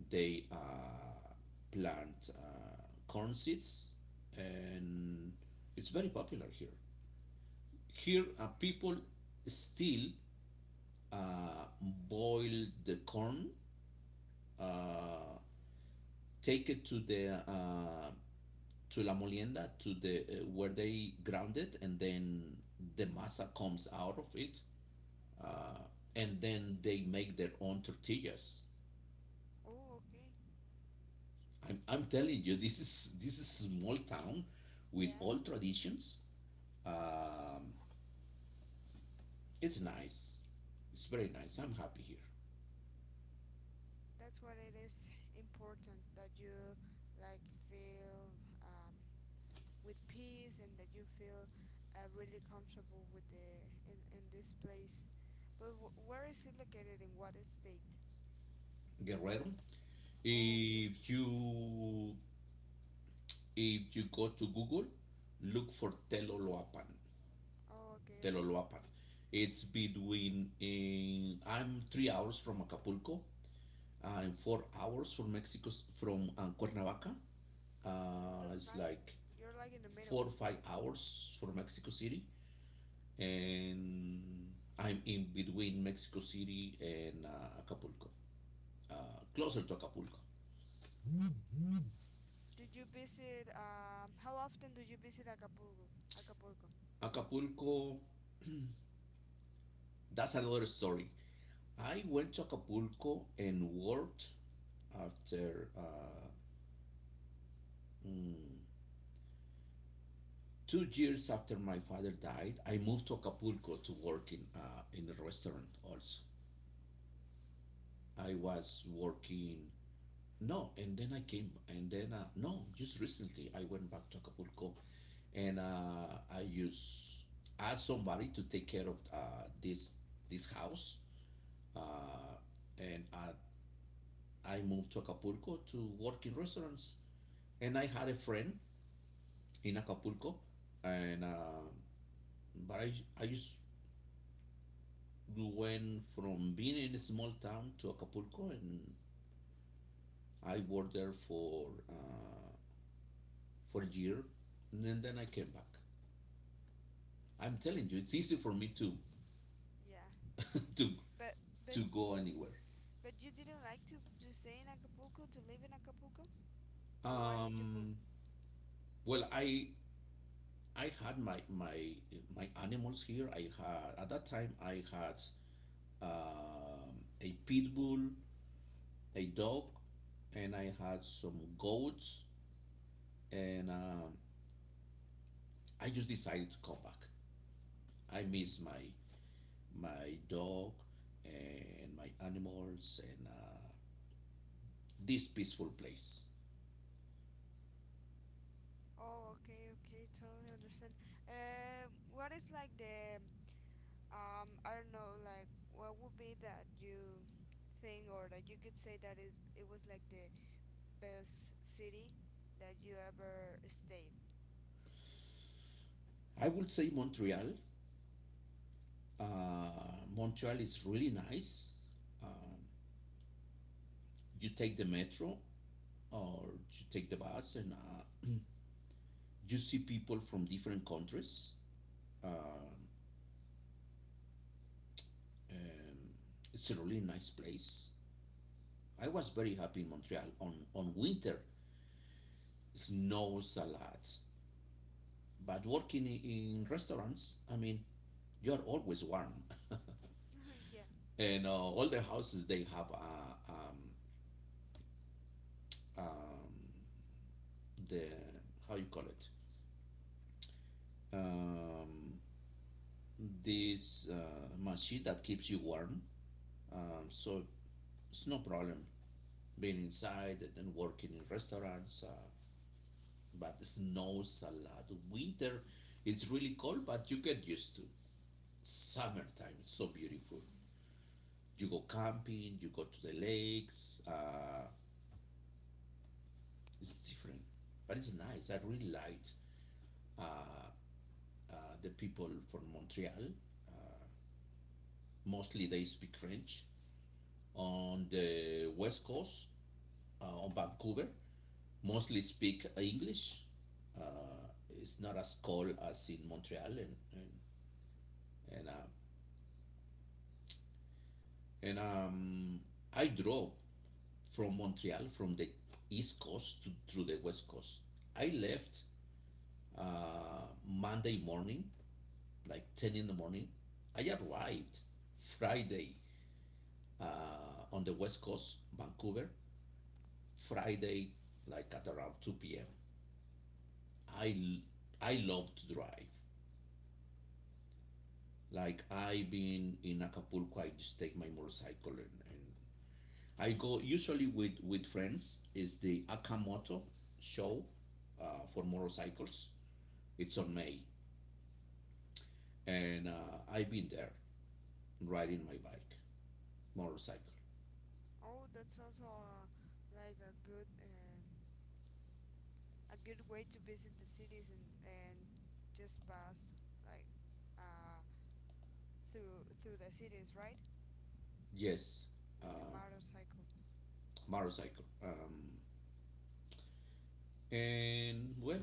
Speaker 1: They plant corn seeds, and it's very popular here. Here, people still boil the corn, uh, take it to the to la molienda to the where they ground it, and then the masa comes out of it, uh, and then they make their own tortillas.
Speaker 2: Oh, okay.
Speaker 1: I'm telling you, this is small town with
Speaker 2: Yeah,
Speaker 1: all traditions. Um, it's nice. It's very nice. I'm happy here.
Speaker 2: that's what it is important that you like feel with peace and that you feel really comfortable with the in this place. But where is it located? In what state?
Speaker 1: Guerrero.
Speaker 2: Oh, okay.
Speaker 1: If you if you go to Google, look for Teloloapan.
Speaker 2: Oh, okay, okay.
Speaker 1: Teloloapan. It's between I'm 3 hours from Acapulco. I'm 4 hours from Mexico, from Cuernavaca.
Speaker 2: Oh, that's
Speaker 1: It's
Speaker 2: nice.
Speaker 1: like
Speaker 2: You're like in the middle.
Speaker 1: 4 or 5 hours from Mexico City. And I'm in between Mexico City and Acapulco, uh, closer to Acapulco.
Speaker 2: Do you visit? How often do you visit Acapulco? Acapulco.
Speaker 1: Acapulco, that's another story. I went to Acapulco and worked after mm, 2 years after my father died. I moved to Acapulco to work in a restaurant. Also, I was working. No, and then I came, and then no, just recently I went back to Acapulco and I use ask somebody to take care of this house, uh, and I moved to Acapulco to work in restaurants. And I had a friend in Acapulco, and but I just went from being in a small town to Acapulco, and I worked there for a year, and then I came back. I'm telling you, it's easy for me to
Speaker 2: Yeah,
Speaker 1: [laughs] to
Speaker 2: but but
Speaker 1: to go anywhere.
Speaker 2: but you didn't like to stay in Acapulco to live in Acapulco, or why did you move?
Speaker 1: Um, Well, I had my animals here. I had At that time I had um, a pit bull, a dog, and I had some goats. And I just decided to come back. I miss my dog and my animals, and this peaceful place.
Speaker 2: Oh, okay, okay, totally understand. What is like the I don't know, like what would be that you think or that you could say that is it was like the best city that you ever stayed?
Speaker 1: I would say Montreal. Montreal is really nice. Um, you take the metro, or you take the bus, and [clears throat] you see people from different countries. Um um, it's a really nice place. I was very happy in Montreal on winter. It snows a lot, but working in restaurants, I mean, you're always warm,
Speaker 2: [laughs] Yeah.
Speaker 1: [laughs] and all the houses, they have um, the, how you call it, um, this machine that keeps you warm. So it's no problem being inside and working in restaurants. But it snows a lot. Winter, it's really cold, but you get used to. Summertime, is so beautiful. You go camping, you go to the lakes. It's different, but it's nice. I really liked uh, uh, the people from Montreal. Uh, Mostly they speak French. On the west coast, on Vancouver, mostly speak English. Uh, it's not as cold as in Montreal, and, uh, and I drove from Montreal, from the east coast to through the west coast. I left Monday morning, like 10 in the morning. I arrived Friday on the west coast, Vancouver. Friday, like at around 2 p.m. I l- I love to drive. Like I've been in Acapulco, I just take my motorcycle, and I go usually with friends. It's the Akamoto show, for motorcycles? It's on May, and I've been there riding my bike, motorcycle.
Speaker 2: Oh, that's also like a good way to visit the cities and just pass like uh, through the cities, right?
Speaker 1: Yes,
Speaker 2: With the
Speaker 1: uh,
Speaker 2: motorcycle.
Speaker 1: motorcycle. And well,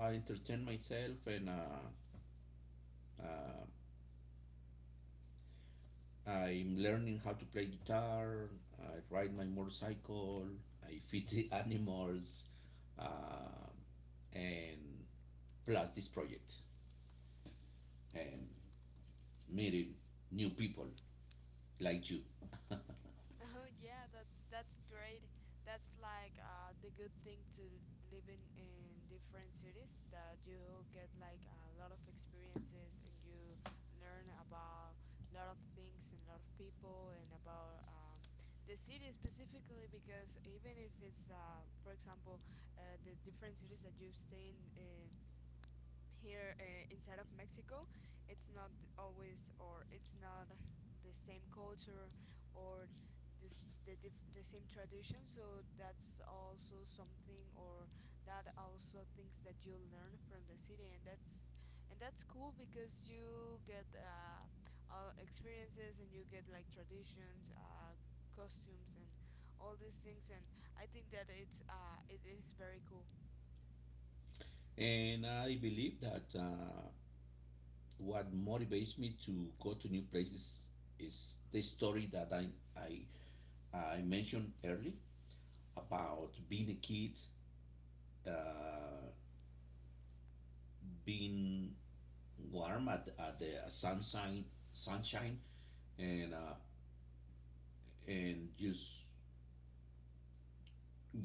Speaker 1: I entertain myself and uh, I'm learning how to play guitar. I ride my motorcycle. I feed the [laughs] animals, uh, and plus this project, and meeting new people like you.
Speaker 2: Oh yeah, that's great. That's like the good thing to living in different cities that you get like a lot of experiences and you learn about a lot of things and a lot of people and about the city specifically because even if it's for example the different cities that you stay in, here inside of Mexico, it's not always or it's not the same culture or the same tradition. So that's also something or that also things that you learn from the city, and that's cool because you get all experiences and you get like traditions, costumes, and all these things. And I think that it is very cool.
Speaker 1: [laughs] And I believe that what motivates me to go to new places is the story that I, I mentioned early
Speaker 2: Yeah.
Speaker 1: about being a kid, uh, being warm at the sunshine, and uh, and just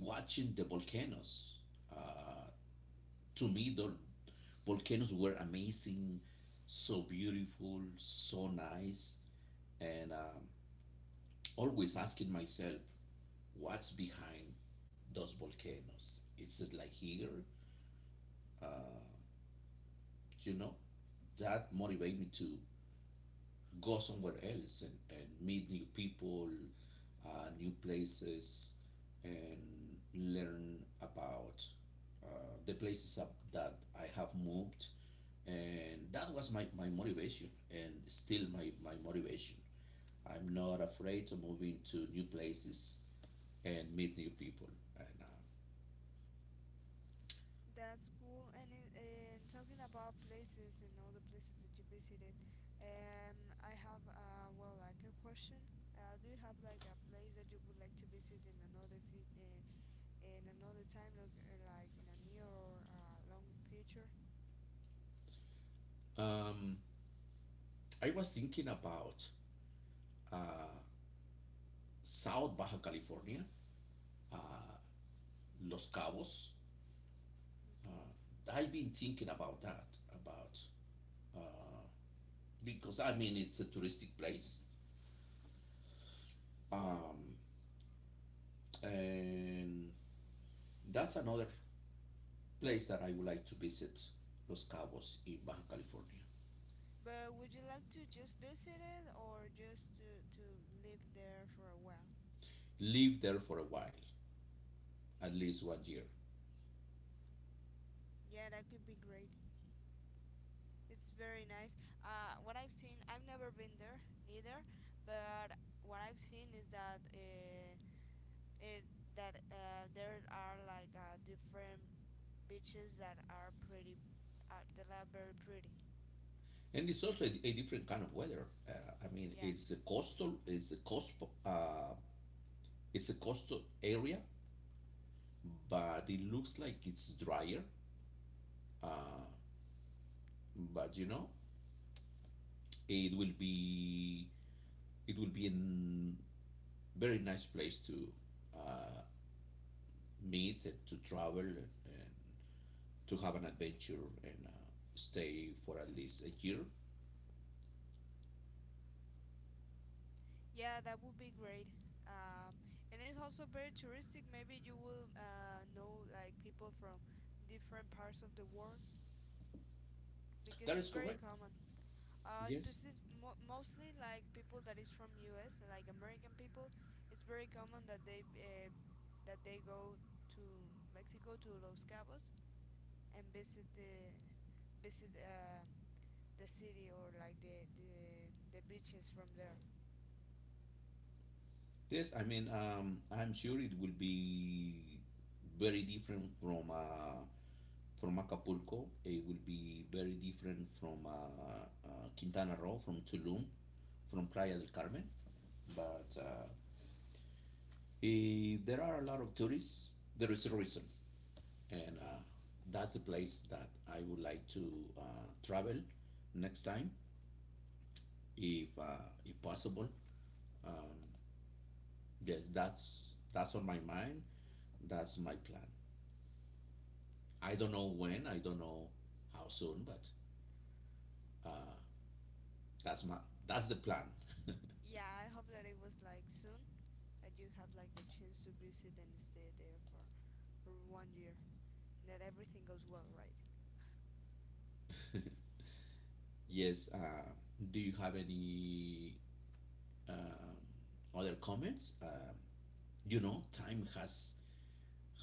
Speaker 1: watching the volcanoes. uh, to me, the volcanoes were amazing, so beautiful, so nice, and always asking myself what's behind those volcanoes. Is it like here? uh, you know, that motivated me to go somewhere else, and meet new people, new places, and learn about uh, the places up that I have moved. And that was my motivation, and still my motivation. I'm not afraid to move into new places and meet new people. And
Speaker 2: That's cool. And and talking about places and all the places that you visited, I have like a question. Do you have like a place that you would like to visit in in another time, like in a near or long future?
Speaker 1: uh, um, I was thinking about South Baja California, Los Cabos.
Speaker 2: Okay.
Speaker 1: I've been thinking about that, about, because I mean it's a touristic place,
Speaker 2: Yeah.
Speaker 1: um, and that's another place that I would like to visit, Los Cabos in Baja California.
Speaker 2: But would you like to just visit it or just to live there for a while?
Speaker 1: Live there for a while, at least 1 year,
Speaker 2: Yeah, that could be great. It's very nice. What I've seen, I've never been there neither, but what I've seen is that it, there are like different beaches that are that are very pretty.
Speaker 1: and it's also a different kind of weather. I mean,
Speaker 2: Yeah,
Speaker 1: it's a coastal, it's a coast, uh, it's a coastal area, but it looks like it's drier. Uh, but you know, it will be it will be a very nice place to uh, meet to travel and to have an adventure and stay for at least a year.
Speaker 2: yeah, that would be great. Um, and it's also very touristic. Maybe you will know like people from different parts of the world because
Speaker 1: That is
Speaker 2: it's very
Speaker 1: correct.
Speaker 2: common.
Speaker 1: Yes.
Speaker 2: Mostly like people that is from US, like American people. It's very common that they go to Mexico to Los Cabos and visit visit uh, the city or like the beaches from there.
Speaker 1: Yes, I mean, I'm sure it will be very different from Acapulco. It will be very different from Quintana Roo, from Tulum, from Playa del Carmen. But there are a lot of tourists. There is a reason. And That's the place that I would like to uh, travel next time, if possible. Um, yes, that's on my mind. That's my plan. I don't know when. I don't know how soon, but uh, that's my that's the plan.
Speaker 2: Yeah, I hope that it was like soon, that you have like the chance to visit and stay there for one year, and that everything goes well, right.
Speaker 1: [laughs] Yes. Do you have any um other comments? You know, time has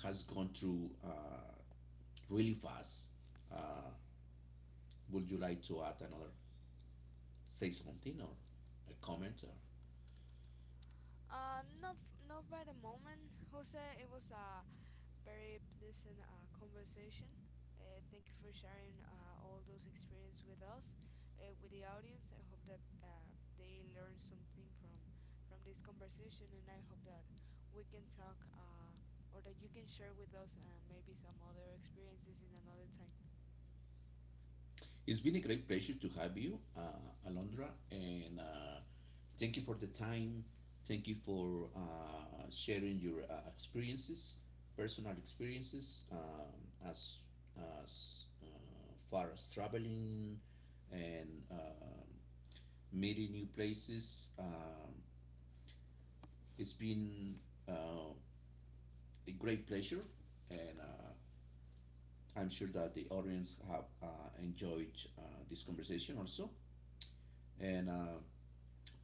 Speaker 1: has gone through really fast. Uh, Would you like to add another, say something or a comment? Or?
Speaker 2: Not by the moment, Jose. It was very pleasant conversation. Thank you for sharing all those experiences with us, with the audience. I hope that they learn something from this conversation, and I hope that we can talk or that you can share with us maybe some other experiences in another time.
Speaker 1: It's been a great pleasure to have you, Alondra, and thank you for the time. Thank you for sharing your experiences, personal experiences, as far as traveling and meeting new places. It's been uh, a great pleasure, and I'm sure that the audience have enjoyed uh, this conversation also, and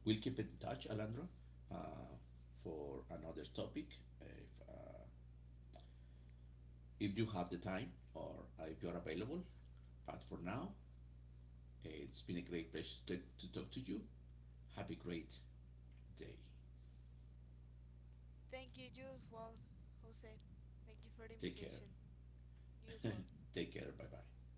Speaker 1: we'll keep in touch, Alejandro, uh, for another topic if uh, if you have the time, or if you're available. But for now, it's been a great pleasure to talk to you. Have a great day.
Speaker 2: Thank you, you as well, Jose. Thank you for the
Speaker 1: Take care.
Speaker 2: invitation. You as well.
Speaker 1: [laughs] Take care. Bye bye.